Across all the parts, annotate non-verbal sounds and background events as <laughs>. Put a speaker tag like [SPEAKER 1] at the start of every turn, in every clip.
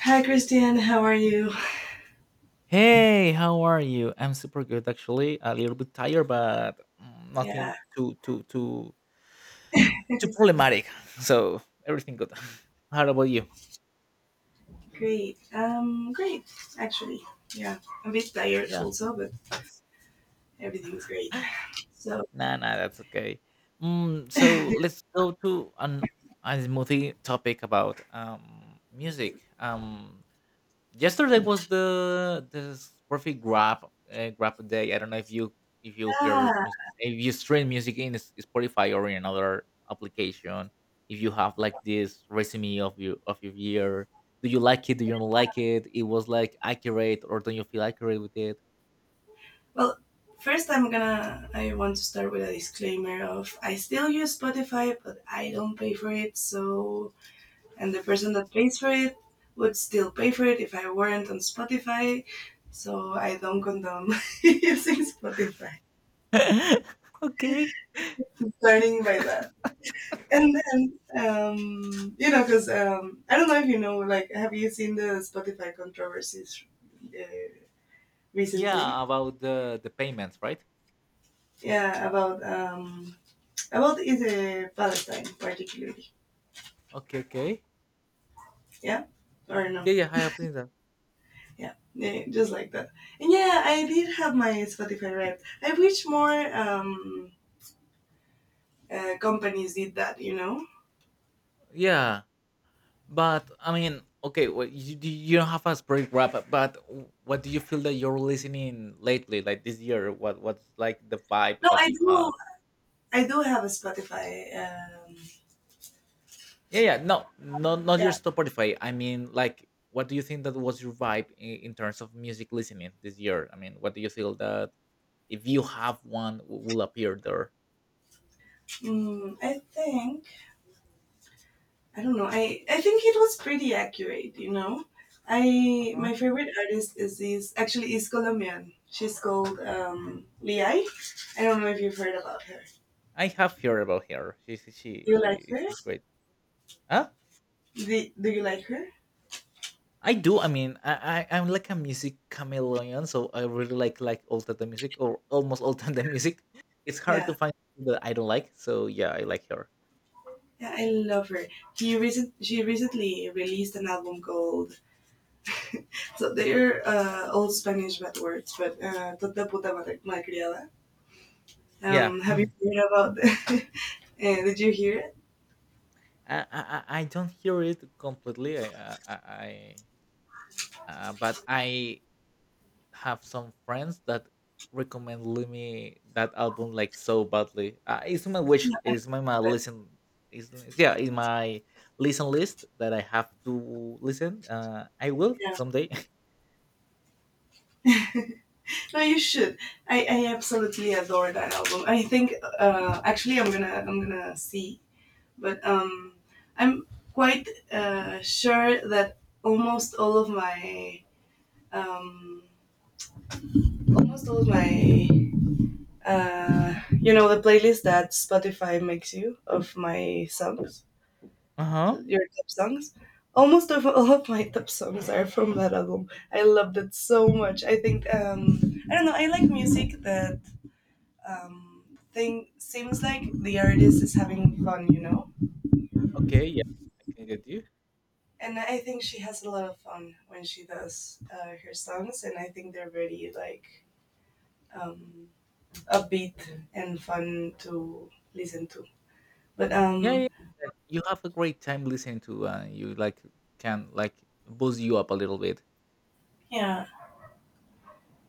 [SPEAKER 1] Hi, Christian. How are you?
[SPEAKER 2] Hey, how are you? I'm super good, actually. A little bit tired, but
[SPEAKER 1] Yeah,
[SPEAKER 2] nothing too problematic. <laughs> So everything good. <laughs> How about you?
[SPEAKER 1] great. Great, actually. Yeah, a bit tired
[SPEAKER 2] Yeah.
[SPEAKER 1] also, but everything is great.
[SPEAKER 2] <laughs>
[SPEAKER 1] So,
[SPEAKER 2] Nah, nah, that's okay. So let's go to an a smoothie topic about music. Yesterday was the perfect grab day. I don't know if you if you hear
[SPEAKER 1] yeah.
[SPEAKER 2] mus- if you stream music in Spotify or in another application. If you have like this resume of your year, do you like it? Do you not like it? It was like accurate, or don't you feel accurate with it?
[SPEAKER 1] Well, first, I'm gonna. I want to start with a disclaimer of I still use Spotify, but I don't pay for it. So, and the person that pays for it would still pay for it if I weren't on Spotify. So I don't condone <laughs> using Spotify.
[SPEAKER 2] <laughs> Okay.
[SPEAKER 1] Starting by that. And then, you know, because I don't know if you know, like, have you seen the Spotify controversies uh,
[SPEAKER 2] Yeah,
[SPEAKER 1] recently?
[SPEAKER 2] about the payments, right?
[SPEAKER 1] Yeah, about is Palestine particularly?
[SPEAKER 2] Okay, okay.
[SPEAKER 1] Yeah, or no?
[SPEAKER 2] Yeah, yeah, I have seen that.
[SPEAKER 1] Yeah, yeah, just like that. And yeah, I did have my Spotify Wrapped. I wish more companies did that. You know?
[SPEAKER 2] Yeah. But I mean, okay, well, you don't have a break wrap, but what do you feel that you're listening lately, like this year? What's like the vibe
[SPEAKER 1] No,
[SPEAKER 2] that
[SPEAKER 1] I
[SPEAKER 2] you
[SPEAKER 1] do.
[SPEAKER 2] have?
[SPEAKER 1] I do have a Spotify.
[SPEAKER 2] Yeah, yeah, no, not
[SPEAKER 1] Yeah,
[SPEAKER 2] your Spotify. I mean, like, what do you think that was your vibe in terms of music listening this year? I mean, what do you feel that if you have one will appear there?
[SPEAKER 1] I think. I don't know. I think it was pretty accurate. You know, I
[SPEAKER 2] Uh-huh.
[SPEAKER 1] my favorite artist is actually is Colombian. She's called Liai. I don't know if you've heard about her.
[SPEAKER 2] I have heard about her. She's
[SPEAKER 1] Do you like
[SPEAKER 2] she-
[SPEAKER 1] her?
[SPEAKER 2] she's great. Huh?
[SPEAKER 1] Do you like her?
[SPEAKER 2] I do. I mean, I'm like a music chameleon, so I really like all type of music or almost all <laughs> type of music. It's hard to
[SPEAKER 1] Yeah.
[SPEAKER 2] find something that I don't like. So yeah, I like her.
[SPEAKER 1] Yeah, I love her. She recently released an album called they're old Spanish bad words, but "Tota puta malcriada."
[SPEAKER 2] Yeah,
[SPEAKER 1] Have you heard about? <laughs> uh, did you hear it?
[SPEAKER 2] I don't hear it completely. I, I I- but I have some friends that recommend me that album like so badly. It's my wish.
[SPEAKER 1] Yeah,
[SPEAKER 2] It's my
[SPEAKER 1] but-
[SPEAKER 2] listen. Is Yeah, in my listen list that I have to listen. I will someday. <laughs>
[SPEAKER 1] yeah. <laughs> No, you should. I absolutely adore that album. I think actually I'm gonna see, but I'm quite sure that almost all of my um, almost all of my you know the playlist that Spotify makes you of my songs,
[SPEAKER 2] Uh huh.
[SPEAKER 1] your top songs. Almost of all of my top songs are from that album. I loved it so much. I think I don't know. I like music that um, thing seems like the artist is having fun, you know.
[SPEAKER 2] Okay, yeah, I can get you.
[SPEAKER 1] And I think she has a lot of fun when she does her songs, and I think they're very like um, upbeat and fun to listen to. But
[SPEAKER 2] Yeah, yeah, yeah. You have a great time listening to, you like can like boost you up a little bit.
[SPEAKER 1] yeah,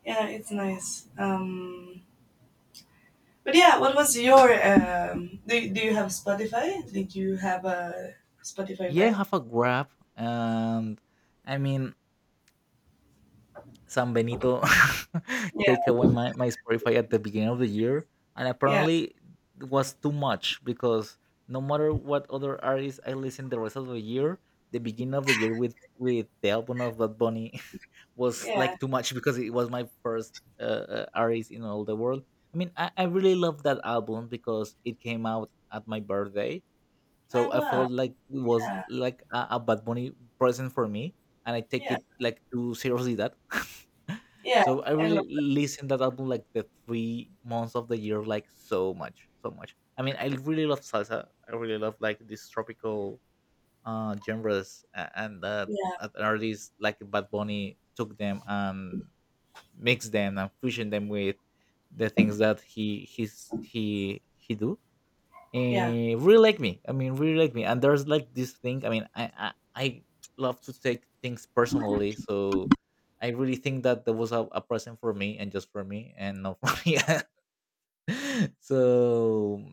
[SPEAKER 1] yeah, it's nice. But yeah, what was your? Do you have Spotify? Did you have a Spotify,
[SPEAKER 2] Yeah,
[SPEAKER 1] right?
[SPEAKER 2] have a grab, and I mean, San Benito <laughs>
[SPEAKER 1] Yeah,
[SPEAKER 2] take away my Spotify at the beginning of the year, and
[SPEAKER 1] yeah,
[SPEAKER 2] apparently it was too much because no matter what other artists I listen the rest of the year, the beginning of the year with the album of Bad Bunny <laughs> was
[SPEAKER 1] yeah.
[SPEAKER 2] like too much because it was my first artist in all the world. I mean, I really love that album because it came out at my birthday,
[SPEAKER 1] Ah,
[SPEAKER 2] so I
[SPEAKER 1] wow.
[SPEAKER 2] felt like it was
[SPEAKER 1] Yeah,
[SPEAKER 2] like a Bad Bunny present for me, and I take
[SPEAKER 1] yeah,
[SPEAKER 2] it like too seriously that. <laughs>
[SPEAKER 1] yeah.
[SPEAKER 2] So I
[SPEAKER 1] I love.
[SPEAKER 2] really listen that album like the 3 months of the year like so much, so much. I mean, I really love salsa. I really love like these tropical genres and
[SPEAKER 1] Yeah,
[SPEAKER 2] an artist like Bad Bunny took them and mixed them and fusion them with the things that he he's he do
[SPEAKER 1] yeah.
[SPEAKER 2] really like me. I mean, really like me. And there's like this thing. I mean, I love to take things personally, so I really think that there was a present for me and just for me and not for <laughs> me. So,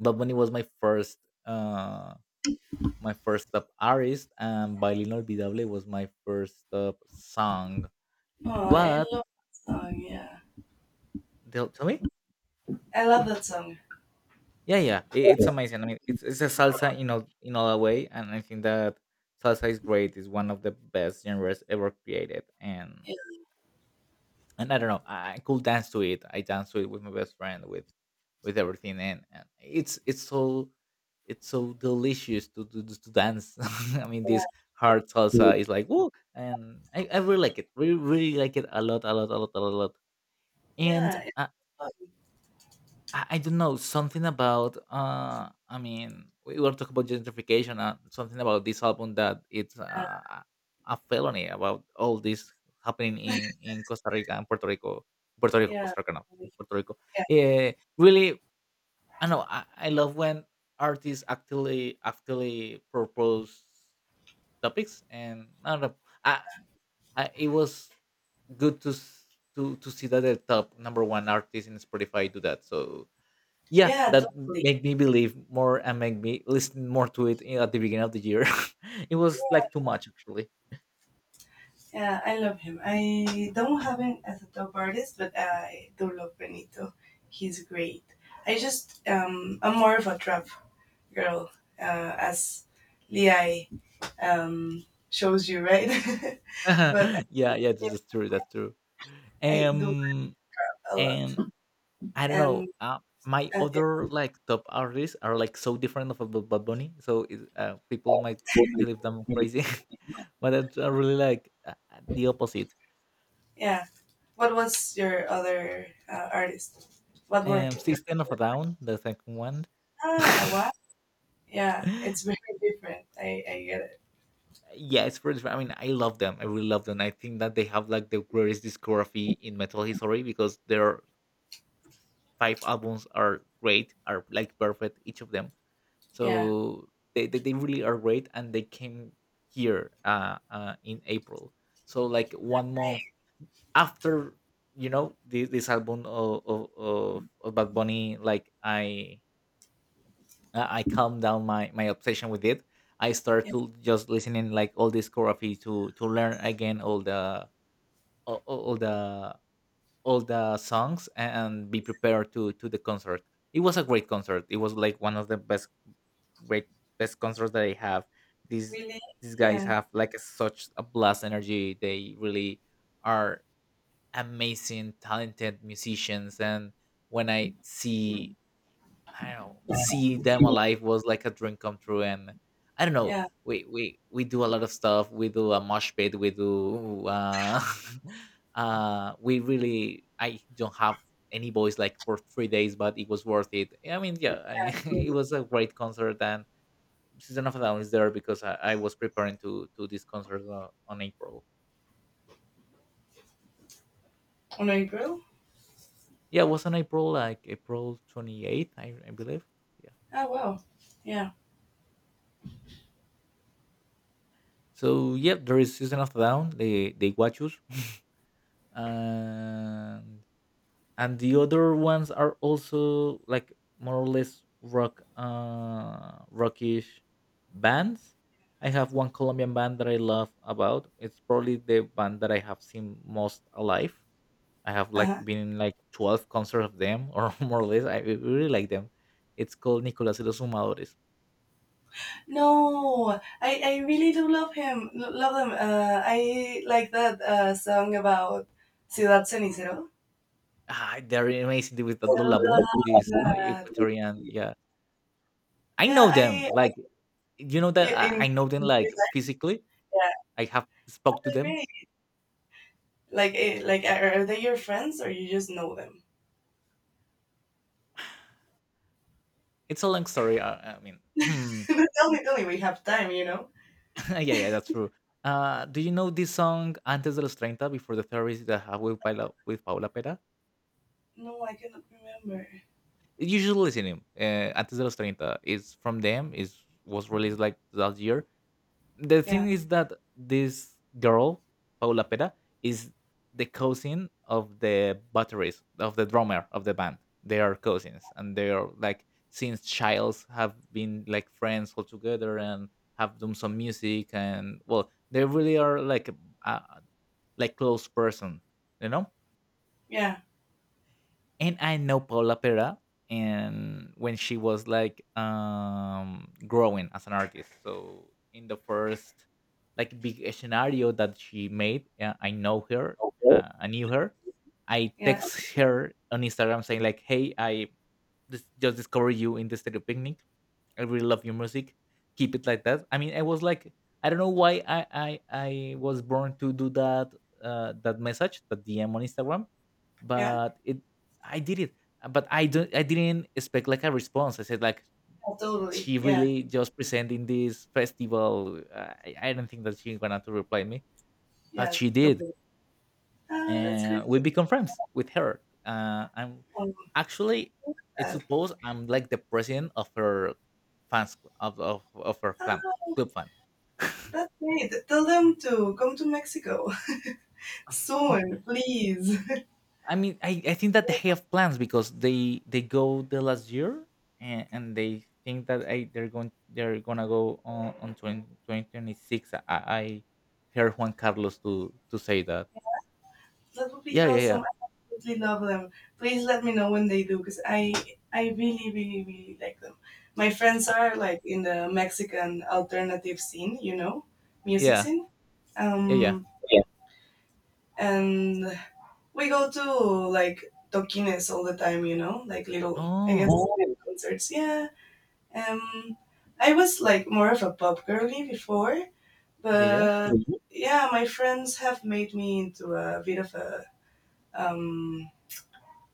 [SPEAKER 2] but when it was my first, uh, up artist, and Bailin Olvidable was my first song.
[SPEAKER 1] Oh, I
[SPEAKER 2] But
[SPEAKER 1] love that song. Yeah,
[SPEAKER 2] tell me.
[SPEAKER 1] I love that song.
[SPEAKER 2] Yeah, yeah, I it's amazing. I mean, it's a salsa in all a way, and I think that salsa is great. It's one of the best genres ever created, and I don't know, I could dance to it. I dance to it with my best friend, with everything, and it's so delicious to dance. <laughs> I mean, this
[SPEAKER 1] Yeah,
[SPEAKER 2] hard salsa is like woo, and I really like it. Really, really like it a lot, a lot, a lot, a lot. And
[SPEAKER 1] yeah, it's so fun,
[SPEAKER 2] I don't know something about. I mean, we were talking about gentrification. Something about this album that it's
[SPEAKER 1] yeah,
[SPEAKER 2] a felony about all this happening in Costa Rica and Puerto Rico, Puerto Rico,
[SPEAKER 1] yeah,
[SPEAKER 2] Costa Rica, no, in Puerto Rico.
[SPEAKER 1] yeah,
[SPEAKER 2] Uh, Really, I know. I love when artists actually propose topics, and I don't know. I, I It was good to s- to see that the top number one artist in Spotify do that. So yeah,
[SPEAKER 1] yeah,
[SPEAKER 2] that
[SPEAKER 1] totally.
[SPEAKER 2] made me believe more and make me listen more to it at the beginning of the year. <laughs> It was like too much, actually.
[SPEAKER 1] Yeah, I love him. I don't have him as a top artist, but I do love Benito. He's great. I just I'm more of a trap girl, as Lei um shows you, right? <laughs> but
[SPEAKER 2] <laughs> Yeah, yeah,
[SPEAKER 1] yeah,
[SPEAKER 2] that's true, that's true.
[SPEAKER 1] I do
[SPEAKER 2] um
[SPEAKER 1] a lot,
[SPEAKER 2] and I don't
[SPEAKER 1] and
[SPEAKER 2] know. My
[SPEAKER 1] uh,
[SPEAKER 2] other like top artists are like so different of a Bad Bunny, so people might believe them
[SPEAKER 1] yeah.
[SPEAKER 2] crazy, <laughs> but it's really like the opposite.
[SPEAKER 1] Yeah. What was your other artist? What were your
[SPEAKER 2] System of a Down, the second one.
[SPEAKER 1] ah what? Yeah, it's
[SPEAKER 2] <laughs>
[SPEAKER 1] very different. I get it.
[SPEAKER 2] Yes, for instance, I mean, I love them. I really love them. I think that they have like the greatest discography in metal history because their five albums are great, are like perfect, each of them.
[SPEAKER 1] Yeah.
[SPEAKER 2] So they really are great, and they came here in April. So, like one month
[SPEAKER 1] Right.
[SPEAKER 2] after, this album of Bad Bunny, like I calm down my obsession with it. I start
[SPEAKER 1] Yeah.
[SPEAKER 2] to just listening like all discography to learn again all, all all the all the songs and be prepared to the concert. It was a great concert. It was like one of the great best concerts that I have. These
[SPEAKER 1] Really?
[SPEAKER 2] these guys
[SPEAKER 1] Yeah.
[SPEAKER 2] have like such a blast energy. They really are amazing, talented musicians. And when I see I don't know, see them alive was like a dream come true. And I don't know,
[SPEAKER 1] Yeah.
[SPEAKER 2] we do a lot of stuff. We do a mosh pit. We do <laughs> we really I don't have any voice like for 3 days, but it was worth it. I mean, yeah, I, <laughs> it was a great concert, and Season of a Down is there because I was preparing to this concert on April.
[SPEAKER 1] On April?
[SPEAKER 2] Yeah, it was on April like April 28th, I believe. Yeah.
[SPEAKER 1] Oh wow. Yeah.
[SPEAKER 2] So yeah, there is Season of a Down. They watch us. <laughs> and and the other ones are also like more or less rock rockish bands. I have one Colombian band that I love about. It's probably the band that I have seen most alive. I have like
[SPEAKER 1] Uh-huh.
[SPEAKER 2] been in like 12 concerts of them, or <laughs> more or less. I really like them. It's called Nicolas y los Fumadores.
[SPEAKER 1] No, I really do love him. Love them. I like that song about Ciudad Cenicero.
[SPEAKER 2] Ah, they're amazing with the
[SPEAKER 1] I
[SPEAKER 2] lulabun,
[SPEAKER 1] love
[SPEAKER 2] this
[SPEAKER 1] that.
[SPEAKER 2] Equatorian, yeah. I
[SPEAKER 1] Yeah,
[SPEAKER 2] know them
[SPEAKER 1] I
[SPEAKER 2] like, you know
[SPEAKER 1] you,
[SPEAKER 2] that
[SPEAKER 1] in
[SPEAKER 2] I know them
[SPEAKER 1] your
[SPEAKER 2] like
[SPEAKER 1] life,
[SPEAKER 2] physically.
[SPEAKER 1] yeah.
[SPEAKER 2] I have spoke to
[SPEAKER 1] Oh,
[SPEAKER 2] them.
[SPEAKER 1] great. Like, eh, like are they your friends or you just know them?
[SPEAKER 2] It's a long story. I mean,
[SPEAKER 1] <laughs>
[SPEAKER 2] <clears throat>
[SPEAKER 1] tell me, tell me. We have time, you know.
[SPEAKER 2] yeah, yeah, that's true. Do you know this song "Antes de los 30" before the therapist that I have with Paula Pera?
[SPEAKER 1] No, I cannot remember.
[SPEAKER 2] You should listen him. "Antes de los 30" is from them. Is Was released like that year. The thing
[SPEAKER 1] Yeah,
[SPEAKER 2] is that this girl Paula Pera is the cousin of the batteries of the drummer of the band. They are cousins, and they are like since childs have been like friends all together and have done some music, and well, they really are like a like close person, you know.
[SPEAKER 1] yeah,
[SPEAKER 2] And I know Paula Pera, and when she was like growing as an artist. So in the first like big scenario that she made, I know her,
[SPEAKER 1] Okay.
[SPEAKER 2] I knew her. I
[SPEAKER 1] Yeah,
[SPEAKER 2] text her on Instagram saying like, "Hey, I just discovered you in the Stereo Picnic. I really love your music. Keep it like that." I mean, I was like, I don't know why I was born to do that, that message, that DM on Instagram,
[SPEAKER 1] yeah.
[SPEAKER 2] but it I did it. But I didn't expect like a response. I said like,
[SPEAKER 1] Oh, totally.
[SPEAKER 2] she
[SPEAKER 1] Yeah,
[SPEAKER 2] really just presenting this festival. I don't think that she's gonna to reply me, but
[SPEAKER 1] yeah,
[SPEAKER 2] she did.
[SPEAKER 1] totally. Ah, that's great.
[SPEAKER 2] And we become friends with her. I'm
[SPEAKER 1] Oh,
[SPEAKER 2] actually it's
[SPEAKER 1] that.
[SPEAKER 2] supposed I'm like the president of her fans of her club
[SPEAKER 1] Ah,
[SPEAKER 2] club fan. <laughs>
[SPEAKER 1] that's great. Tell them to come to Mexico <laughs> soon, please.
[SPEAKER 2] I mean, I think that they have plans because they go the last year, and they think that they're going they're gonna go on twenty six. I heard Juan Carlos to say that.
[SPEAKER 1] That would be
[SPEAKER 2] Yeah, yeah,
[SPEAKER 1] awesome.
[SPEAKER 2] yeah,
[SPEAKER 1] I absolutely love them. Please let me know when they do because I really really really like them. My friends
[SPEAKER 2] I-
[SPEAKER 1] are like in the Mexican alternative scene, you know, music
[SPEAKER 2] yeah,
[SPEAKER 1] scene.
[SPEAKER 2] yeah, yeah.
[SPEAKER 1] Yeah. And we go to like toquines all the time, you know, like little I guess
[SPEAKER 2] Oh,
[SPEAKER 1] Oh, little concerts. Yeah. Um, I was like more of a pop girly before,
[SPEAKER 2] yeah, yeah.
[SPEAKER 1] but mhm. Yeah, my friends have made me into a bit of a um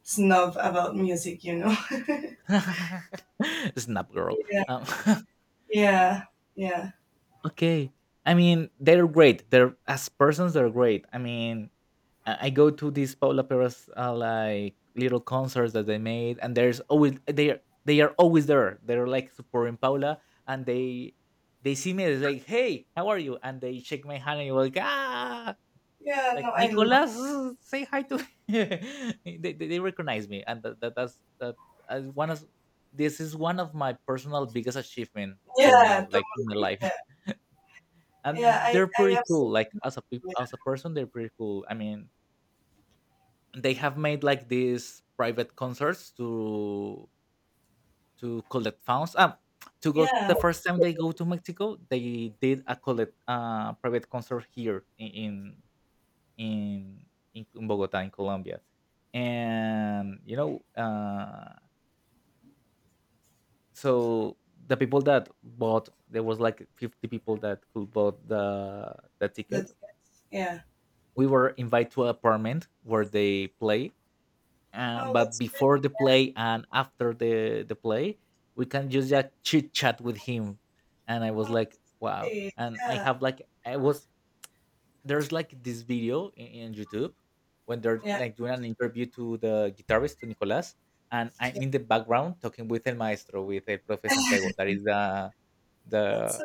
[SPEAKER 1] snob about music, you know. <laughs>
[SPEAKER 2] <laughs> Snap girl.
[SPEAKER 1] yeah,
[SPEAKER 2] Um, <laughs>
[SPEAKER 1] yeah, yeah,
[SPEAKER 2] okay. I mean, they're great. They're as persons, they're great. I mean, I go to these Paula Perez like little concerts that they made, and there's always they are always there. They're like supporting Paula, and they see me. It's like, hey, how are you? And they shake my hand, and you're like, ah,
[SPEAKER 1] yeah. No,
[SPEAKER 2] like
[SPEAKER 1] I love.
[SPEAKER 2] Nicolas, say hi to me. <laughs> They recognize me, and that, that that's that as one of this is one of my personal biggest achievement till
[SPEAKER 1] Yeah,
[SPEAKER 2] now, like in my
[SPEAKER 1] totally.
[SPEAKER 2] life.
[SPEAKER 1] Yeah,
[SPEAKER 2] <laughs> And
[SPEAKER 1] yeah.
[SPEAKER 2] they're
[SPEAKER 1] I
[SPEAKER 2] pretty cool. Like
[SPEAKER 1] absolutely.
[SPEAKER 2] as a person, they're pretty cool. I mean, they have made like these private concerts to collect funds. To go
[SPEAKER 1] Yeah,
[SPEAKER 2] the first time they go to Mexico, they did a collect private concert here in in Bogota in Colombia, and you know, so the people that bought, there was like 50 people that could bought the ticket.
[SPEAKER 1] that's yeah.
[SPEAKER 2] We were invited to an apartment where they play,
[SPEAKER 1] Oh,
[SPEAKER 2] but
[SPEAKER 1] that's
[SPEAKER 2] before
[SPEAKER 1] great.
[SPEAKER 2] the play and after the play, we can just chit chat with him, and I was like, wow.
[SPEAKER 1] Okay.
[SPEAKER 2] And I
[SPEAKER 1] Yeah,
[SPEAKER 2] have like I was There's like this video in YouTube when they're
[SPEAKER 1] yeah.
[SPEAKER 2] like doing an interview to the guitarist to Nicolas, and I'm in the background talking with El Maestro with El Profe Santiago, that is the
[SPEAKER 1] That's
[SPEAKER 2] the
[SPEAKER 1] so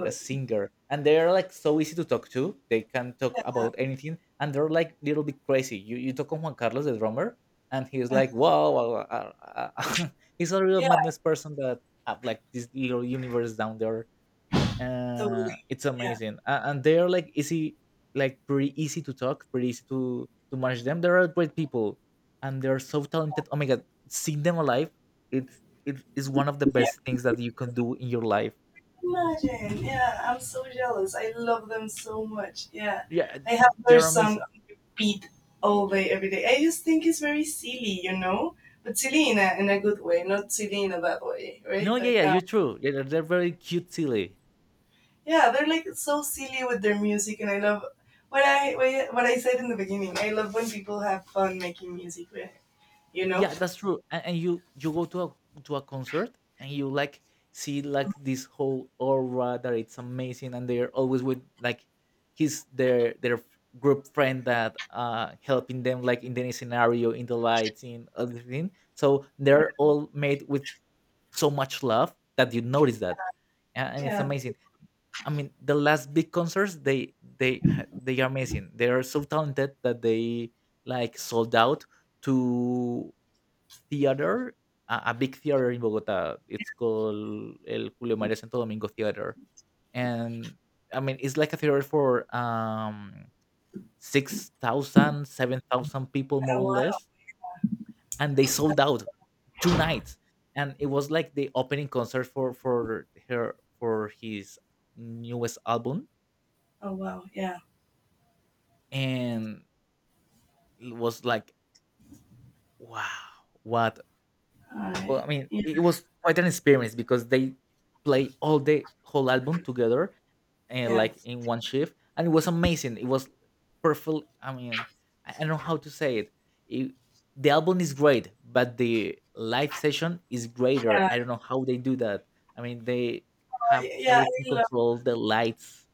[SPEAKER 2] the singer, and they're like so easy to talk to. They can talk
[SPEAKER 1] Yeah,
[SPEAKER 2] about anything, and they're like little bit crazy. You talk on Juan Carlos, the drummer, and he's
[SPEAKER 1] uh,
[SPEAKER 2] like, wow, wow, wow, <laughs> he's a real
[SPEAKER 1] yeah,
[SPEAKER 2] madness person that have like this little universe down there,
[SPEAKER 1] totally.
[SPEAKER 2] it's
[SPEAKER 1] Yeah,
[SPEAKER 2] amazing, and they are like easy, like pretty easy to talk, pretty easy to manage them. They are great people, and they're so talented. Oh my god, seeing them alive, it's it is one of the
[SPEAKER 1] yeah.
[SPEAKER 2] best things that you can do in your life.
[SPEAKER 1] Imagine. Yeah, I'm so jealous. I love them so much. Yeah,
[SPEAKER 2] Yeah,
[SPEAKER 1] I have their
[SPEAKER 2] they're
[SPEAKER 1] song
[SPEAKER 2] amazing.
[SPEAKER 1] beat all day every day. I just think it's very silly, you know, but silly in a good way, not silly in a bad way,
[SPEAKER 2] No,
[SPEAKER 1] right?
[SPEAKER 2] yeah,
[SPEAKER 1] Like,
[SPEAKER 2] yeah, you're true, yeah, they're very cute silly.
[SPEAKER 1] yeah, they're like so silly with their music, and I love what I said in the beginning. I love when people have fun making music, with you know.
[SPEAKER 2] Yeah, that's true. And you go to a concert and you like see like this whole aura that it's amazing, and they're always with like his their group friend that helping them like in any scenario, in the lights, in everything. So
[SPEAKER 1] Yeah,
[SPEAKER 2] they're all made with so much love that you notice that, and it's
[SPEAKER 1] yeah.
[SPEAKER 2] amazing. I mean, the last big concerts they are amazing. They are so talented that they like sold out to theater, a big theater in Bogota. It's called El Julio María Santo Domingo Theater, and I mean it's like a theater for 6,000 people more
[SPEAKER 1] Oh
[SPEAKER 2] or
[SPEAKER 1] wow.
[SPEAKER 2] less, and they sold out two nights, and it was like the opening concert for his newest album,
[SPEAKER 1] Oh wow. Yeah.
[SPEAKER 2] and it was like wow, what. Well,
[SPEAKER 1] I
[SPEAKER 2] I mean, it
[SPEAKER 1] yeah.
[SPEAKER 2] was quite an experience because they play all the whole album together and
[SPEAKER 1] Yeah.
[SPEAKER 2] like in one shift, and it was amazing. It was perfect. I mean, I don't know how to say it. it. The album is great, but the live session is greater.
[SPEAKER 1] Yeah.
[SPEAKER 2] I don't know how they do that. I mean, they have
[SPEAKER 1] I, yeah. I
[SPEAKER 2] everything
[SPEAKER 1] love.
[SPEAKER 2] controlled, the lights,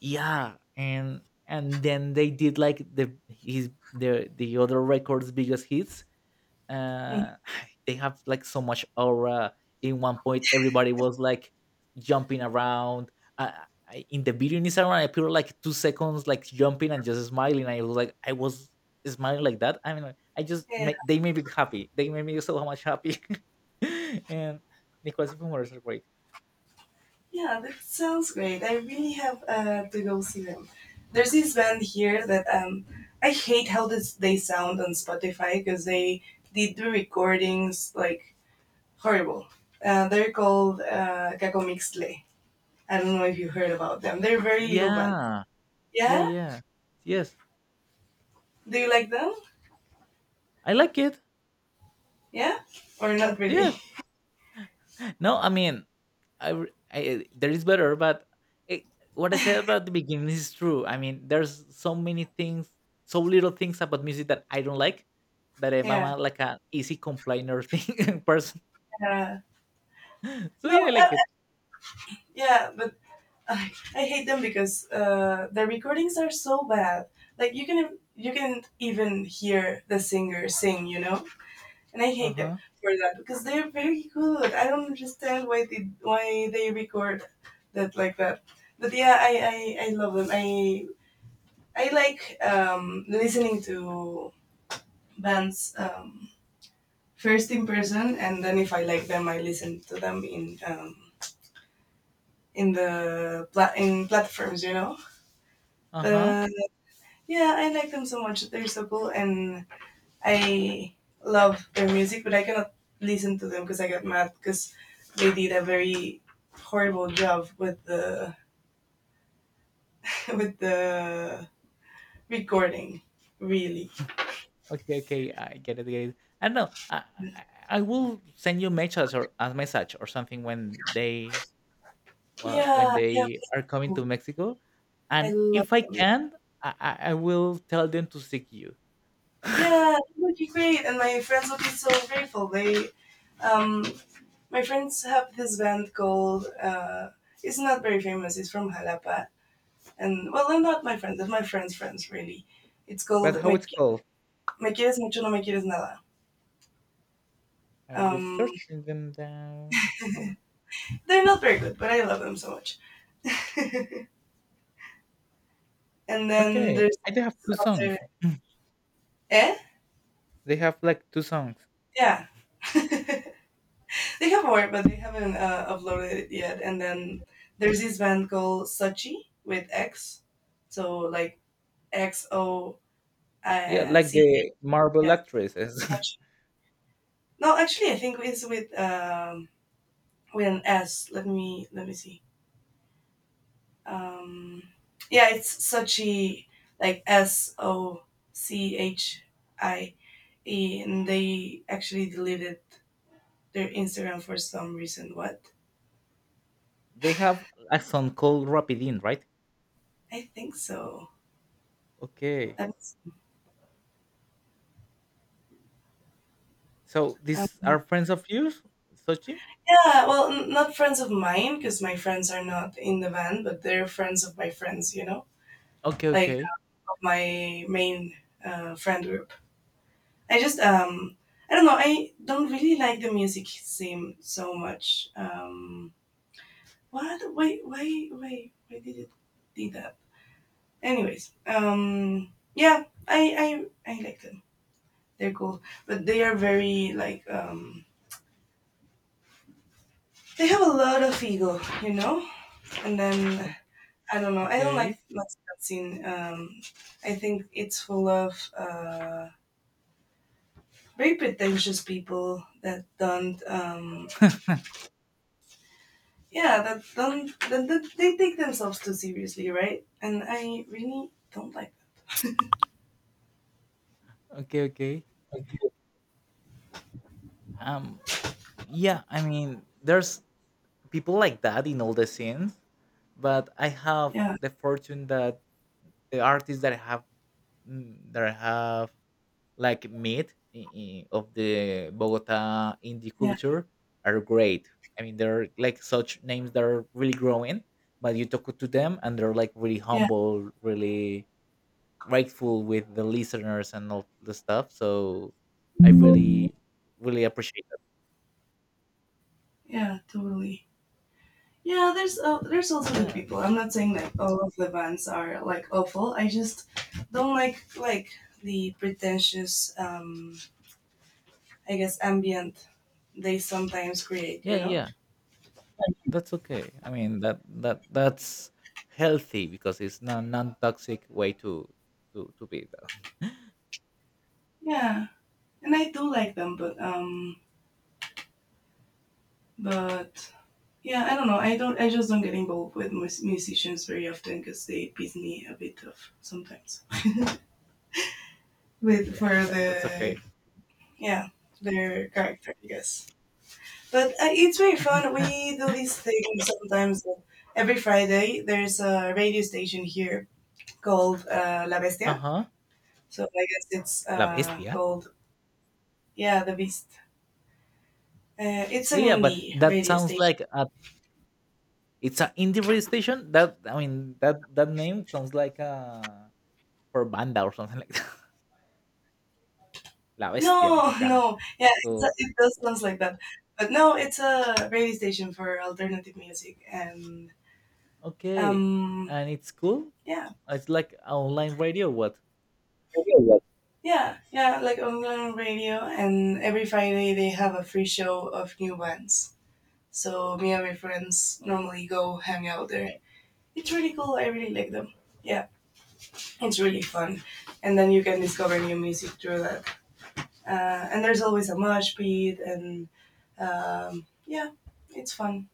[SPEAKER 2] yeah, and then they did like the his the other records biggest hits,
[SPEAKER 1] Mhm.
[SPEAKER 2] uh, <sighs> they have like so much aura. In one point, everybody was like jumping around. Uh, in the video in Instagram, I appeared like 2 seconds, like jumping and just smiling. I was like, I was smiling like that. I mean, like, I just
[SPEAKER 1] Yeah.
[SPEAKER 2] they made me happy. They made me <laughs> so much happy. <laughs> And Nicolas Fumor is great.
[SPEAKER 1] Yeah, that sounds great. I really have to go see them. There's this band here that I hate how this, they sound on Spotify because they did the recordings like horrible. They're called Cacomixtle. I don't know if you heard about them. They're a very little band.
[SPEAKER 2] Yeah, yeah,
[SPEAKER 1] Yeah?
[SPEAKER 2] yeah. Yes,
[SPEAKER 1] Do you like them?
[SPEAKER 2] I like it.
[SPEAKER 1] Yeah? Or not really?
[SPEAKER 2] Yes.
[SPEAKER 1] <laughs>
[SPEAKER 2] No, I mean, I, r- I- eh, there is better, but it, what I said about the beginning is true. I mean, there's so many things, so little things about music that I don't like, that I'm
[SPEAKER 1] Yeah.
[SPEAKER 2] a, like an easy complainer thing <laughs> person.
[SPEAKER 1] Uh,
[SPEAKER 2] <laughs> So
[SPEAKER 1] no,
[SPEAKER 2] yeah, I
[SPEAKER 1] uh, uh,
[SPEAKER 2] like it.
[SPEAKER 1] yeah, but I hate them because the recordings are so bad. Like you can even hear the singer sing, you know. And I
[SPEAKER 2] Uh
[SPEAKER 1] hate them
[SPEAKER 2] huh.
[SPEAKER 1] for that because they're very good. I don't understand why they record that like that. But yeah, I love them. I like listening to bands first in person, and then if I like them, I listen to them in in platforms, you know.
[SPEAKER 2] Uh huh.
[SPEAKER 1] But Yeah, I like them so much. They're so cool, and I love their music, but I cannot listen to them because I got mad because they did a very horrible job with the <laughs> with the recording. Really,
[SPEAKER 2] Okay. Okay. I get it. Get it. I know. I I will send you message or a message or something when they, well,
[SPEAKER 1] yeah,
[SPEAKER 2] when
[SPEAKER 1] yeah.
[SPEAKER 2] they
[SPEAKER 1] Please
[SPEAKER 2] are coming
[SPEAKER 1] do.
[SPEAKER 2] to Mexico,
[SPEAKER 1] I
[SPEAKER 2] and
[SPEAKER 1] love
[SPEAKER 2] if I
[SPEAKER 1] them. Yeah,
[SPEAKER 2] can, I will tell them to seek you.
[SPEAKER 1] yeah
[SPEAKER 2] <laughs>
[SPEAKER 1] it would be great, and my friends would be so grateful. They, um, my friends have this band called. It's not very famous. It's from Jalapa. And well, they're not my friends. They're my friends' friends, really. It's called
[SPEAKER 2] But how it's called?
[SPEAKER 1] Me Quieres Mucho, No Me Quieres Nada.
[SPEAKER 2] I will
[SPEAKER 1] Um,
[SPEAKER 2] search them down, like.
[SPEAKER 1] they're not very good, but I love them so much. <laughs> and then
[SPEAKER 2] Okay,
[SPEAKER 1] there's
[SPEAKER 2] I do have two
[SPEAKER 1] other
[SPEAKER 2] songs.
[SPEAKER 1] eh
[SPEAKER 2] They have like two songs.
[SPEAKER 1] yeah. <laughs> They have more, but they haven't uploaded it yet. And then there's this band called Sochi with X, so like X O
[SPEAKER 2] Yeah, like
[SPEAKER 1] C.
[SPEAKER 2] the Marvel
[SPEAKER 1] Yeah,
[SPEAKER 2] actresses.
[SPEAKER 1] Sochi. No, actually, I think it's with an S. Let me see. um yeah, it's Sochi, like S O C H I E, and they actually deleted their Instagram for some reason. What
[SPEAKER 2] <laughs> They have a song called Rapidin, right?
[SPEAKER 1] I think so.
[SPEAKER 2] Okay.
[SPEAKER 1] That's-
[SPEAKER 2] So
[SPEAKER 1] um,
[SPEAKER 2] these are friends of yours, Sochi?
[SPEAKER 1] yeah, well not friends of mine because my friends are not in the band, but they're friends of my friends, you know,
[SPEAKER 2] Okay,
[SPEAKER 1] like
[SPEAKER 2] okay,
[SPEAKER 1] of my main friend group. i just um I don't know. I don't really like the music scene so much. What? Why? Why? Why? Why did it do that? Anyways, yeah, I like them. They're cool, but they are very like they have a lot of ego, you know. And then
[SPEAKER 2] o-
[SPEAKER 1] I don't know. I don't like
[SPEAKER 2] okay,
[SPEAKER 1] Max Scene. I think it's full of very pretentious people that don't that they take themselves too seriously, right? And I really don't like that.
[SPEAKER 2] okay, okay.
[SPEAKER 1] Okay.
[SPEAKER 2] Um, yeah. I mean, there's people like that in all the scenes, but I have
[SPEAKER 1] Yeah,
[SPEAKER 2] the fortune that the artists that I have mm, that I have like meat of the Bogota indie
[SPEAKER 1] yeah,
[SPEAKER 2] culture are great. I mean, they're like such names that are really growing, but you talk to them and they're like really
[SPEAKER 1] yeah.
[SPEAKER 2] humble, really grateful with the listeners and all the stuff. So I really, really appreciate that.
[SPEAKER 1] Yeah, totally. Yeah, there's also good
[SPEAKER 2] Yeah,
[SPEAKER 1] people. I'm not saying that all of the bands are like awful. I just don't like the pretentious, I guess, ambient they sometimes create. You
[SPEAKER 2] yeah,
[SPEAKER 1] know?
[SPEAKER 2] yeah. That's okay. I mean, that's healthy because it's not non-toxic way to be. Though. <laughs>
[SPEAKER 1] Yeah, and I do like them, but but yeah, I don't know. I just don't get involved with musicians very often because they piss me a bit off sometimes. <laughs> with for
[SPEAKER 2] Yeah, that's
[SPEAKER 1] the
[SPEAKER 2] okay.
[SPEAKER 1] yeah their character, I guess. But it's very fun. We
[SPEAKER 2] <laughs>
[SPEAKER 1] do this thing sometimes. Every Friday, there's a radio station here called La
[SPEAKER 2] Uh
[SPEAKER 1] Bestia.
[SPEAKER 2] huh.
[SPEAKER 1] So I guess it's
[SPEAKER 2] La bestia.
[SPEAKER 1] called, yeah, The Beast. It's
[SPEAKER 2] Yeah,
[SPEAKER 1] an
[SPEAKER 2] yeah, but
[SPEAKER 1] indie
[SPEAKER 2] that
[SPEAKER 1] radio
[SPEAKER 2] sounds
[SPEAKER 1] station.
[SPEAKER 2] like a, it's an indie radio station. That, I mean that that name sounds like a for banda or something like that. <laughs> La Bestia
[SPEAKER 1] No, <laughs>
[SPEAKER 2] Mexicana.
[SPEAKER 1] no. Yeah, it's a,
[SPEAKER 2] So
[SPEAKER 1] it does sounds like that. But no, it's a radio station for alternative music. And
[SPEAKER 2] okay,
[SPEAKER 1] um,
[SPEAKER 2] and it's cool.
[SPEAKER 1] yeah,
[SPEAKER 2] It's like a online radio. What?
[SPEAKER 1] yeah, yeah, like online radio. And every Friday, they have a free show of new bands. So me and my friends
[SPEAKER 2] Uh,
[SPEAKER 1] normally go hang out there. It's really cool. I really like them. Yeah, it's really fun, and then you can discover new music through that. And there's always a mosh pit, and yeah, it's fun.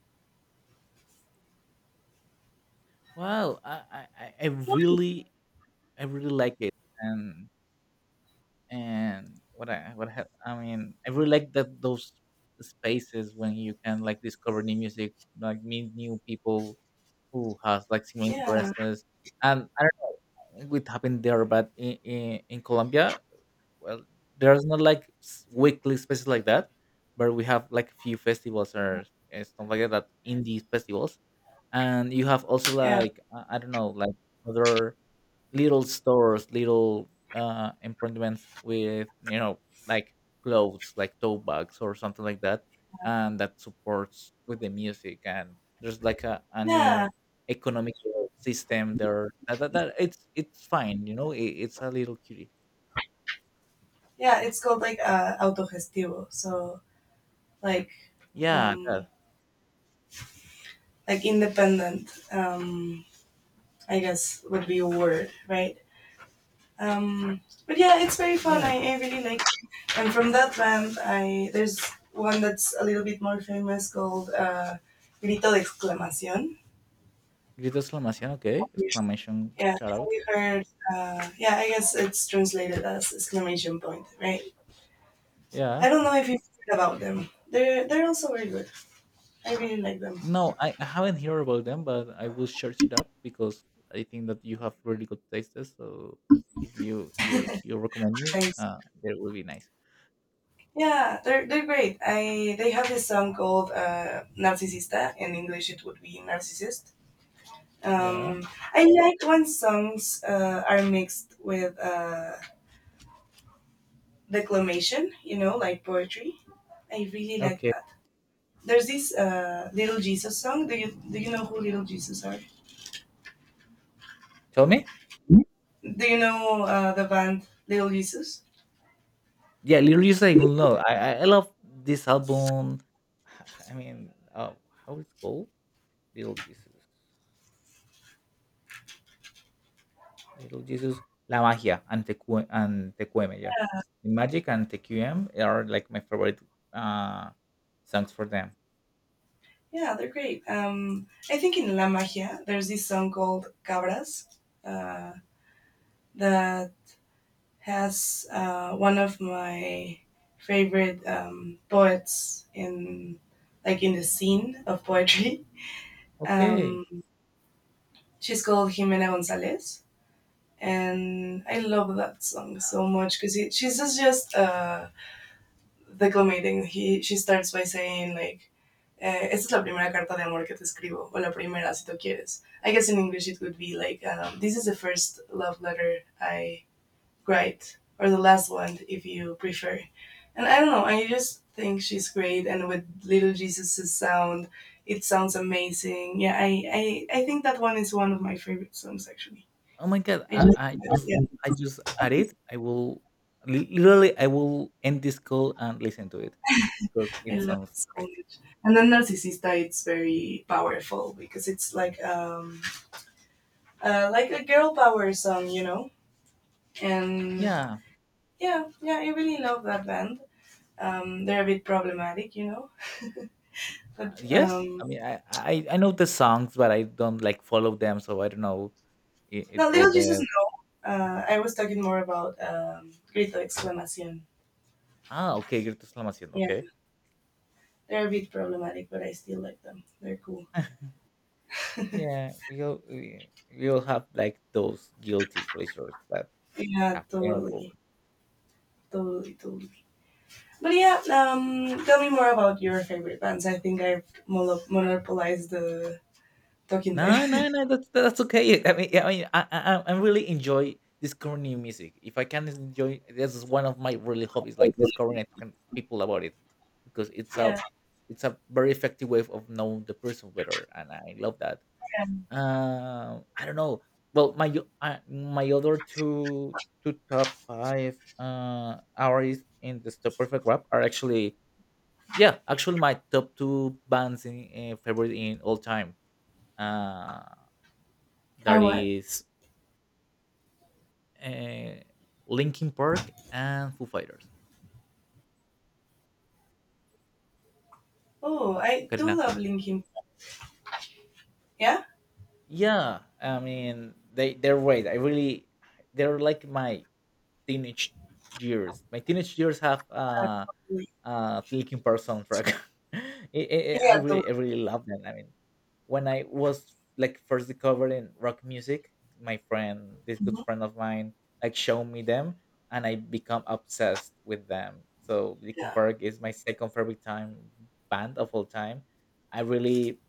[SPEAKER 2] Wow, I really, I really like it. And and I mean I really like that those spaces when you can like discover new music, like meet new people who has like similar
[SPEAKER 1] Yeah,
[SPEAKER 2] interests, and I don't know with happened there, but in in Colombia, well, there's not like s- weekly spaces like that, but we have like a few festivals or stuff like that, that indie festivals, and you have also
[SPEAKER 1] yeah,
[SPEAKER 2] like I don't know, like other little stores, little appointments with you know, like clothes, like tote bags or something like that, and that supports with the music. And there's like a
[SPEAKER 1] yeah,
[SPEAKER 2] new economic system there. That, it's fine, you know. It, it's a little cutie.
[SPEAKER 1] yeah. It's called like autogestivo, so like
[SPEAKER 2] Yeah,
[SPEAKER 1] um,
[SPEAKER 2] that
[SPEAKER 1] like independent. I guess would be a word, right? Um, but yeah, it's very fun.
[SPEAKER 2] yeah.
[SPEAKER 1] I really like it. And from that band, I there's one that's a little bit more famous called Grito de Exclamación.
[SPEAKER 2] Grito exclamación, okay. Exclamation
[SPEAKER 1] Yeah,
[SPEAKER 2] shout
[SPEAKER 1] have
[SPEAKER 2] out.
[SPEAKER 1] you heard? Yeah, I guess it's translated as exclamation point, right? I
[SPEAKER 2] Yeah.
[SPEAKER 1] don't know if you've heard about them. They're also very good. I really like them.
[SPEAKER 2] No, I haven't heard about them, but I will search it up because I think that you have really good tastes. So if you you recommend me,
[SPEAKER 1] Thanks.
[SPEAKER 2] that will be nice.
[SPEAKER 1] Yeah, they're great. I they have this song called Narcisista. In English, it would be Narcissist.
[SPEAKER 2] Yeah.
[SPEAKER 1] Um, I like when songs are mixed with declamation, like poetry. I really like
[SPEAKER 2] Okay.
[SPEAKER 1] that. There's this Little Jesus song. Do you know who Little Jesus are?
[SPEAKER 2] Tell me.
[SPEAKER 1] Do you know the band Little Jesus?
[SPEAKER 2] Yeah, Little Uzi, I will
[SPEAKER 1] Yes.
[SPEAKER 2] know. I love this album. <laughs> I mean, how it's called? Little Jesus. Little Jesus. La Magia and Tecu and Tecueme. Yeah, Magic and Tecuem are like my favorite uh songs for them.
[SPEAKER 1] Yeah, they're great. I think in La Magia, there's this song called Cabras uh, that has one of my favorite poets in like in the scene of poetry.
[SPEAKER 2] Okay.
[SPEAKER 1] Um, she's called Jimena Gonzalez, and I love that song so much because she's just declamating. He she starts by saying like. Esta es la primera carta de amor que te escribo, o la primera si tú quieres. I guess in English it would be like, this is the first love letter I great, or the last one if you prefer. And I don't know, I just think she's great, and with Little Jesus' sound, it sounds amazing. Yeah, I think that one is one of my favorite songs actually.
[SPEAKER 2] Oh my god,
[SPEAKER 1] I
[SPEAKER 2] I
[SPEAKER 1] just
[SPEAKER 2] I
[SPEAKER 1] love
[SPEAKER 2] just,
[SPEAKER 1] it.
[SPEAKER 2] I just add
[SPEAKER 1] Yeah,
[SPEAKER 2] it. I will literally I will end this call and listen to it because
[SPEAKER 1] I
[SPEAKER 2] it
[SPEAKER 1] love it
[SPEAKER 2] sounds
[SPEAKER 1] so
[SPEAKER 2] great.
[SPEAKER 1] much. And then Narcissista, it's very powerful because it's like a girl power song, you know. And
[SPEAKER 2] Yeah.
[SPEAKER 1] yeah, yeah, I really love that band. They're a bit problematic, you know, <laughs> but
[SPEAKER 2] Yes. I mean, I know the songs, but I don't like follow them, so I don't know it, it
[SPEAKER 1] No,
[SPEAKER 2] all
[SPEAKER 1] Little Jesus,
[SPEAKER 2] the.
[SPEAKER 1] no. I was talking more about Grito Exclamación.
[SPEAKER 2] Ah, okay, guilty exclamación.
[SPEAKER 1] Yeah,
[SPEAKER 2] Okay.
[SPEAKER 1] they're a bit problematic, but I still like them. They're cool.
[SPEAKER 2] <laughs>
[SPEAKER 1] <laughs>
[SPEAKER 2] Yeah, we all have like those guilty pleasures that
[SPEAKER 1] Yeah,
[SPEAKER 2] have their own.
[SPEAKER 1] totally. Totally, totally. But yeah, tell me more about your favorite bands. I think I've monopolized the talking time.
[SPEAKER 2] No, no, no. That's okay. I mean, I really enjoy discovering new music. If I can enjoy, this is one of my really hobbies, like discovering and
[SPEAKER 1] <laughs>
[SPEAKER 2] talking to people about it, because it's
[SPEAKER 1] Yeah.
[SPEAKER 2] a, it's a very effective way of knowing the person better, and I love that.
[SPEAKER 1] Yeah.
[SPEAKER 2] I don't know. Well, my my other two, two top five artists in the Stop Perfect Rap are actually, yeah, actually my top two bands in favorite in all time. Uh,
[SPEAKER 1] I
[SPEAKER 2] that
[SPEAKER 1] what?
[SPEAKER 2] is uh, Linkin Park and Foo Fighters.
[SPEAKER 1] Oh, I do
[SPEAKER 2] Karina.
[SPEAKER 1] love Linkin. Yeah?
[SPEAKER 2] Yeah, I mean they they're great. I really, they're like my teenage years. My teenage years have
[SPEAKER 1] Totally.
[SPEAKER 2] Linkin Park soundtrack. <laughs> It,
[SPEAKER 1] Yeah, totally.
[SPEAKER 2] I really love them. I mean, when I was like first discovering rock music, my friend, this good
[SPEAKER 1] Mhm.
[SPEAKER 2] friend of mine, like showed me them, and I become obsessed with them. So Linkin
[SPEAKER 1] Yeah.
[SPEAKER 2] Park is my second favorite time band of all time. I really,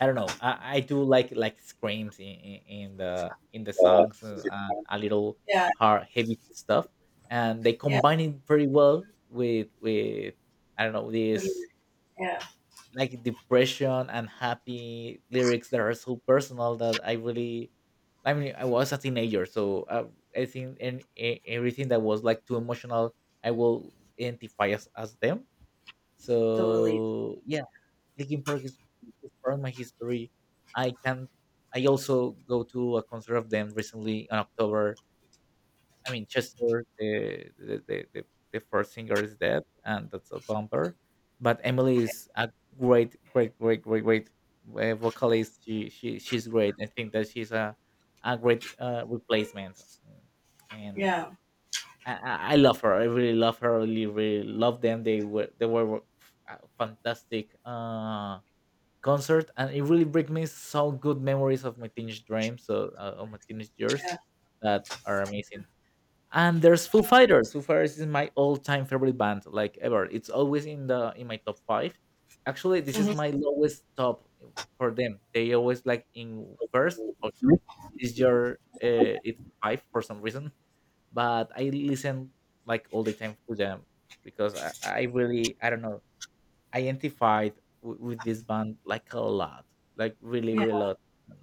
[SPEAKER 2] I don't know. I do like screams in the songs and a little
[SPEAKER 1] Yeah,
[SPEAKER 2] hard heavy stuff, and they
[SPEAKER 1] yeah,
[SPEAKER 2] combine it very well with, I don't know,
[SPEAKER 1] the-
[SPEAKER 2] this
[SPEAKER 1] lyrics, yeah,
[SPEAKER 2] like depression and happy lyrics that are so personal that I really. I mean, I was a teenager, so I think and everything that was like too emotional, I will identify as them.
[SPEAKER 1] totally.
[SPEAKER 2] So yeah, Linkin Park is part of my history. I can. I also go to a concert of them recently in October. I mean, Chester, the first singer is dead, and that's a bumper. But Emily is a great, great, great, great, great vocalist. She's great. I think that she's a great replacement. Mm. And
[SPEAKER 1] Yeah.
[SPEAKER 2] I love her. I really love her. Really, really love them. They were fantastic. Concert, and it really brings me so good memories of my teenage dreams, so of my teenage years
[SPEAKER 1] Yeah.
[SPEAKER 2] that are amazing. And there's Foo Fighters. Foo Fighters is my all-time favorite band, like ever. It's always in the in my top five. Actually, this is
[SPEAKER 1] Hmm?
[SPEAKER 2] my lowest top for them. They always like in first or
[SPEAKER 1] Hmm?
[SPEAKER 2] two. This year, it's five for some reason, but I listen like all the time to them because I really I don't know identified with this band like a lot, like really,
[SPEAKER 1] Yeah.
[SPEAKER 2] really a lot. Um,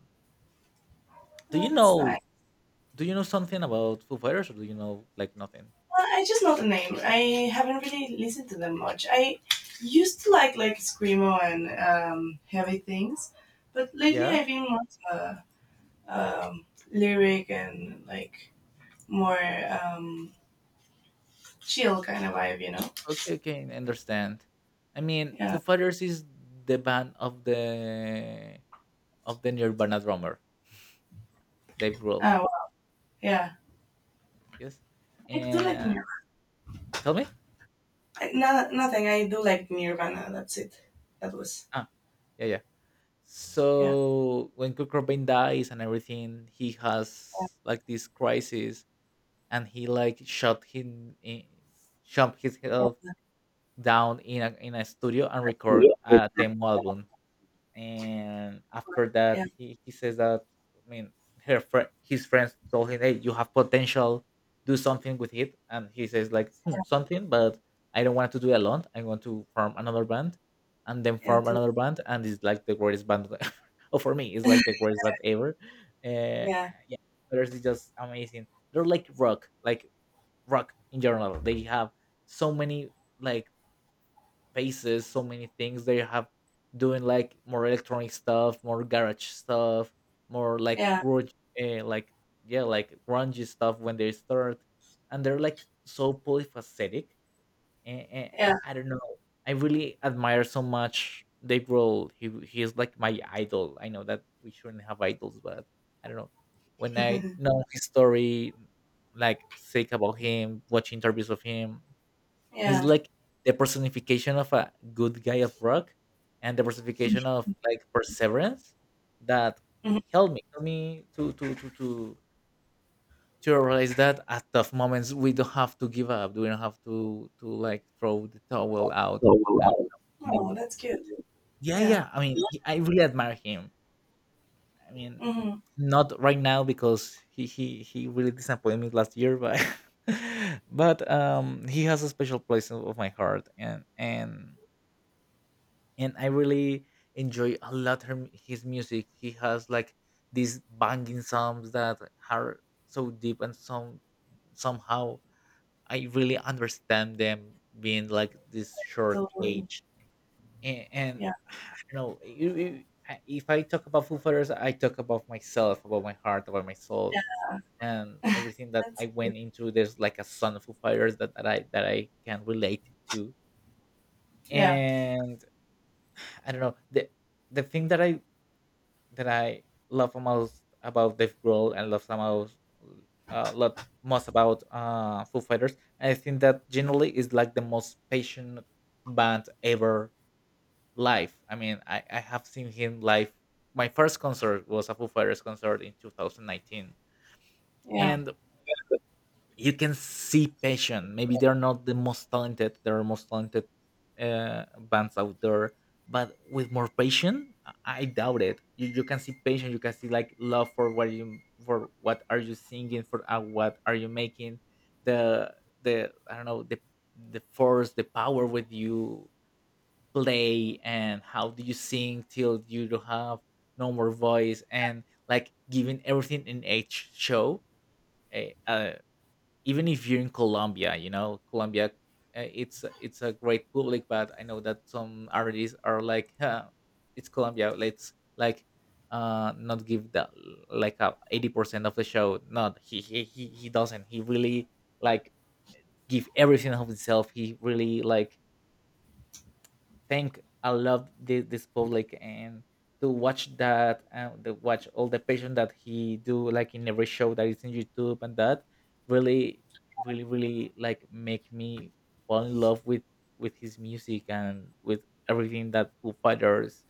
[SPEAKER 2] Do
[SPEAKER 1] Oh,
[SPEAKER 2] you
[SPEAKER 1] that's
[SPEAKER 2] know?
[SPEAKER 1] nice.
[SPEAKER 2] Do you know something about Foo Fighters, or do you know like nothing?
[SPEAKER 1] Well, I just know the name. I haven't really listened to them much. I used to like screamo and heavy things, but lately
[SPEAKER 2] Yeah.
[SPEAKER 1] I've been more uh, um, lyric and like more um, chill kind of vibe. You know?
[SPEAKER 2] Okay. Okay. I understand. I mean, Foo
[SPEAKER 1] Yeah.
[SPEAKER 2] Fighters is the band of the Nirvana drummer, Dave Grohl.
[SPEAKER 1] Ah, well, yeah.
[SPEAKER 2] Yes.
[SPEAKER 1] I do like
[SPEAKER 2] And
[SPEAKER 1] Nirvana.
[SPEAKER 2] tell me.
[SPEAKER 1] No, nothing. I do like Nirvana. That's it. That was
[SPEAKER 2] Ah. Yeah. Yeah.
[SPEAKER 1] yeah.
[SPEAKER 2] So when Kurt Cobain dies and everything, he
[SPEAKER 1] Yeah.
[SPEAKER 2] has like this crisis and he like shot
[SPEAKER 1] Yeah.
[SPEAKER 2] himself down in a studio and record a demo album. And after
[SPEAKER 1] Yeah. Yeah.
[SPEAKER 2] that, he says that I mean her fri his friends told him, "Hey, you have potential. Do something with it." And he says like hmm, something, but I don't want to do it alone. I want to form another band, and then
[SPEAKER 1] Yeah.
[SPEAKER 2] form another band, and it's like the greatest band. <laughs> Oh, for me, it's like the greatest band ever. Uh,
[SPEAKER 1] Yeah.
[SPEAKER 2] yeah, there's just amazing they're like rock in general. They have so many like faces, so many things. They have doing like more electronic stuff, more garage stuff, more like
[SPEAKER 1] Yeah.
[SPEAKER 2] grunge, like yeah, like grungy stuff when they start, and they're like so polyphacetic and
[SPEAKER 1] Yeah.
[SPEAKER 2] I don't know. I really admire so much Dave Grohl. He is like my idol. I know that we shouldn't have idols, but I don't know.
[SPEAKER 1] <laughs>
[SPEAKER 2] When I
[SPEAKER 1] Mhm.
[SPEAKER 2] know his story, like sick about him, watch interviews of him, he's
[SPEAKER 1] Yeah.
[SPEAKER 2] like the personification of a good guy of rock, and the personification of like perseverance that
[SPEAKER 1] Mhm.
[SPEAKER 2] helped me to realize that at tough moments we don't have to give up. We don't have to like throw the towel out.
[SPEAKER 1] So,
[SPEAKER 2] And we have
[SPEAKER 1] Oh,
[SPEAKER 2] to-
[SPEAKER 1] that's cute.
[SPEAKER 2] yeah,
[SPEAKER 1] Yeah.
[SPEAKER 2] yeah. I mean, I really admire him. I mean,
[SPEAKER 1] hmm
[SPEAKER 2] not right now because he really disappointed me last year, but <laughs> but he has a special place of my heart, and I really enjoy a lot his music. He has like these banging songs that are so deep and somehow I really understand them being like this short
[SPEAKER 1] Totally.
[SPEAKER 2] age, and
[SPEAKER 1] Yeah.
[SPEAKER 2] <sighs> I don't know if I talk about Foo Fighters, I talk about myself, about my heart, about my soul, and
[SPEAKER 1] <laughs>
[SPEAKER 2] everything that
[SPEAKER 1] That's
[SPEAKER 2] I
[SPEAKER 1] good.
[SPEAKER 2] went into. There's like a son of Foo Fighters that I can relate to,
[SPEAKER 1] Yeah.
[SPEAKER 2] and I don't know the thing that I love most about Dave Grohl and love somehow a lot most about Foo Fighters. I think that generally is like the most patient band ever live. I mean, I have seen him live. My first concert was a Foo Fighters concert in 2019,
[SPEAKER 1] Yeah.
[SPEAKER 2] and
[SPEAKER 1] <laughs>
[SPEAKER 2] you can see passion. Maybe they're not the most talented, there are most talented bands out there, but with more passion, I doubt it. You can see passion, you can see like love for what you for what are you singing, for what are you making, the I don't know the force, the power with you play, and how do you sing till you don't have no more voice, and like giving everything in each show. Eh, uh, even if you're in Colombia, you know, Colombia, it's it's a great public, but I know that some artists are like, "Huh, it's Colombia, let's like not give the like a 80% of the show." Not he doesn't. He really like give everything of himself. He really like Thank I love this public and to watch that and to watch all the passion that he do like in every show that is in YouTube and that really really like make me fall in love with his music and with everything that Foo Fighters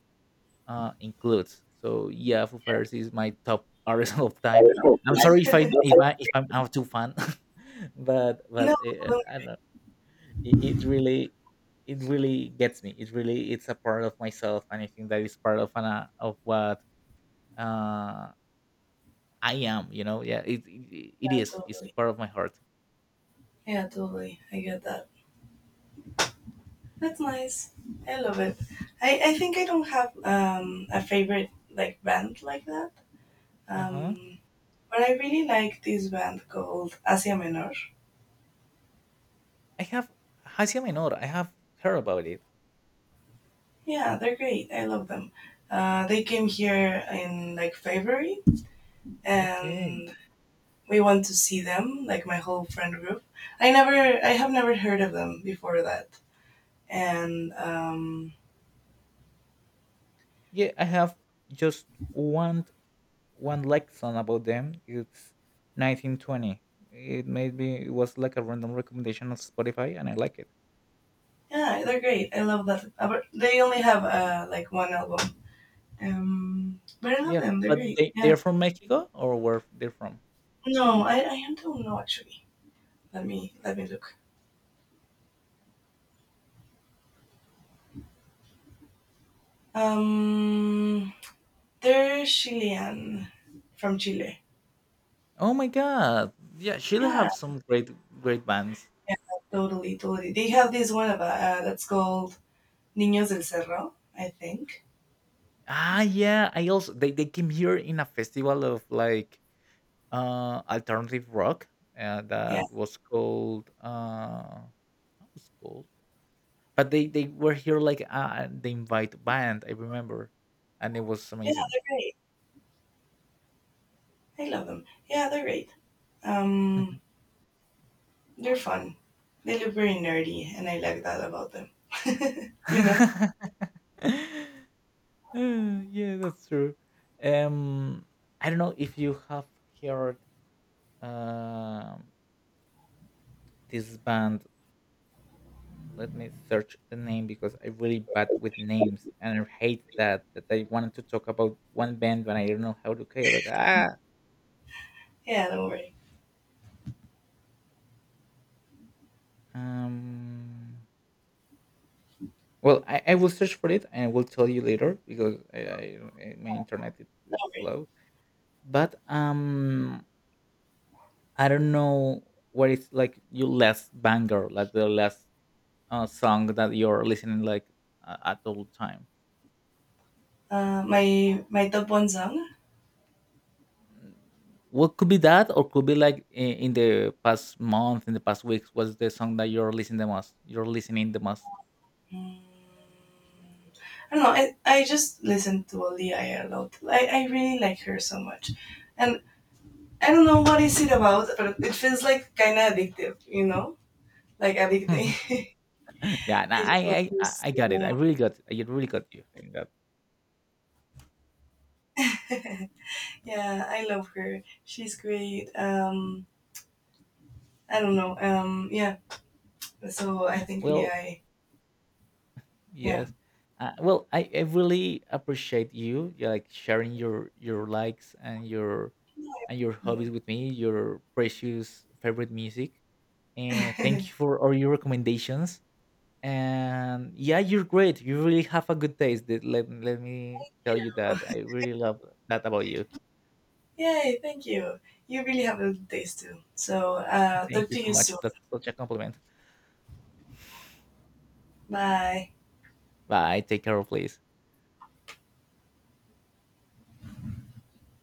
[SPEAKER 2] includes. So yeah, Foo Fighters is my top <laughs> artist of time. I'm
[SPEAKER 1] I
[SPEAKER 2] sorry if I if I if I'm out too fan, <laughs> but
[SPEAKER 1] No,
[SPEAKER 2] but uh, I don't it, it really gets me it really it's a part of myself, and I think that is part of an, of what uh I am, you know? Yeah,
[SPEAKER 1] yeah,
[SPEAKER 2] it's
[SPEAKER 1] totally.
[SPEAKER 2] part of my heart.
[SPEAKER 1] Yeah, totally. I get that. That's nice. I love it. I think I don't have a favorite like band like that.
[SPEAKER 2] uh-huh
[SPEAKER 1] Um, but I really like this band called Asia Menor.
[SPEAKER 2] I have hacia menor. I have heard about it.
[SPEAKER 1] Yeah, they're great. I love them. They came here in like February,
[SPEAKER 2] Okay.
[SPEAKER 1] and we went to see them, like my whole friend group. I have never heard of them before that, and
[SPEAKER 2] Yeah, I have just one lesson about them. It's 1920. It made me it was like a random recommendation on Spotify, and I like it.
[SPEAKER 1] yeah, they're great. I love that. But they only have like one album, but I love
[SPEAKER 2] Yeah,
[SPEAKER 1] them. They're
[SPEAKER 2] but
[SPEAKER 1] great. Yeah.
[SPEAKER 2] they're from Mexico, or where they're from?
[SPEAKER 1] No, I don't know actually. Let me look. Um, they're Chilean, from Chile.
[SPEAKER 2] Oh my god. Yeah, Chile
[SPEAKER 1] Yeah,
[SPEAKER 2] have some great great bands.
[SPEAKER 1] yeah, totally, totally. They have this one about, that's called Niños del Cerro, I think.
[SPEAKER 2] Ah, yeah, I also they came here in a festival of like alternative rock
[SPEAKER 1] Yeah,
[SPEAKER 2] that was called how was it called? But they were here like they invite band, I remember. And it was
[SPEAKER 1] yeah,
[SPEAKER 2] amazing.
[SPEAKER 1] they're great. I love them. Yeah, they're great.
[SPEAKER 2] Mhm.
[SPEAKER 1] Um, they're fun. They look very nerdy, and I like that about them. <laughs> You know?
[SPEAKER 2] <laughs> Yeah, that's true. Um, I don't know if you have heard um this band. Let me search the name because I'm really bad with names, and I hate that that I wanted to talk about one band, but I don't know how to call it. Like, ah,
[SPEAKER 1] Yeah, don't worry.
[SPEAKER 2] um, well, I will search for it and I will tell you later because my internet is
[SPEAKER 1] Don't
[SPEAKER 2] it's
[SPEAKER 1] worry.
[SPEAKER 2] slow. But I don't know what is like your last banger, like the last song that you're listening like at all time.
[SPEAKER 1] My my top one song.
[SPEAKER 2] What could be that, or could be like in the past month, in the past weeks? What's the song that you're listening the most
[SPEAKER 1] Mm, I don't know. I just listen to Ollie a lot. I really like her so much, and I don't know what is it about, but it feels like kind of addictive. You know, like addicting.
[SPEAKER 2] <laughs> Yeah,
[SPEAKER 1] <laughs> I
[SPEAKER 2] nah,
[SPEAKER 1] just love her
[SPEAKER 2] I got it.
[SPEAKER 1] so
[SPEAKER 2] I really got you in that.
[SPEAKER 1] much. <laughs> Yeah, I love her. She's great. I don't know. Yeah. So I think
[SPEAKER 2] Well,
[SPEAKER 1] Leah. Yeah.
[SPEAKER 2] yes. Uh, well, I really appreciate you, yeah, like sharing your likes and your hobbies
[SPEAKER 1] Um,
[SPEAKER 2] with me, your precious favorite music, and thank you
[SPEAKER 1] <laughs>
[SPEAKER 2] for all your recommendations. And yeah, you're great. You really have a good taste. Th- Let me tell you that. I really love that about you.
[SPEAKER 1] yay! Thank you. You really have a good days too. So
[SPEAKER 2] <laughs> Thank
[SPEAKER 1] talk
[SPEAKER 2] you
[SPEAKER 1] to
[SPEAKER 2] so
[SPEAKER 1] you
[SPEAKER 2] much.
[SPEAKER 1] soon.
[SPEAKER 2] That's such a compliment.
[SPEAKER 1] Bye.
[SPEAKER 2] Bye. Take care, please.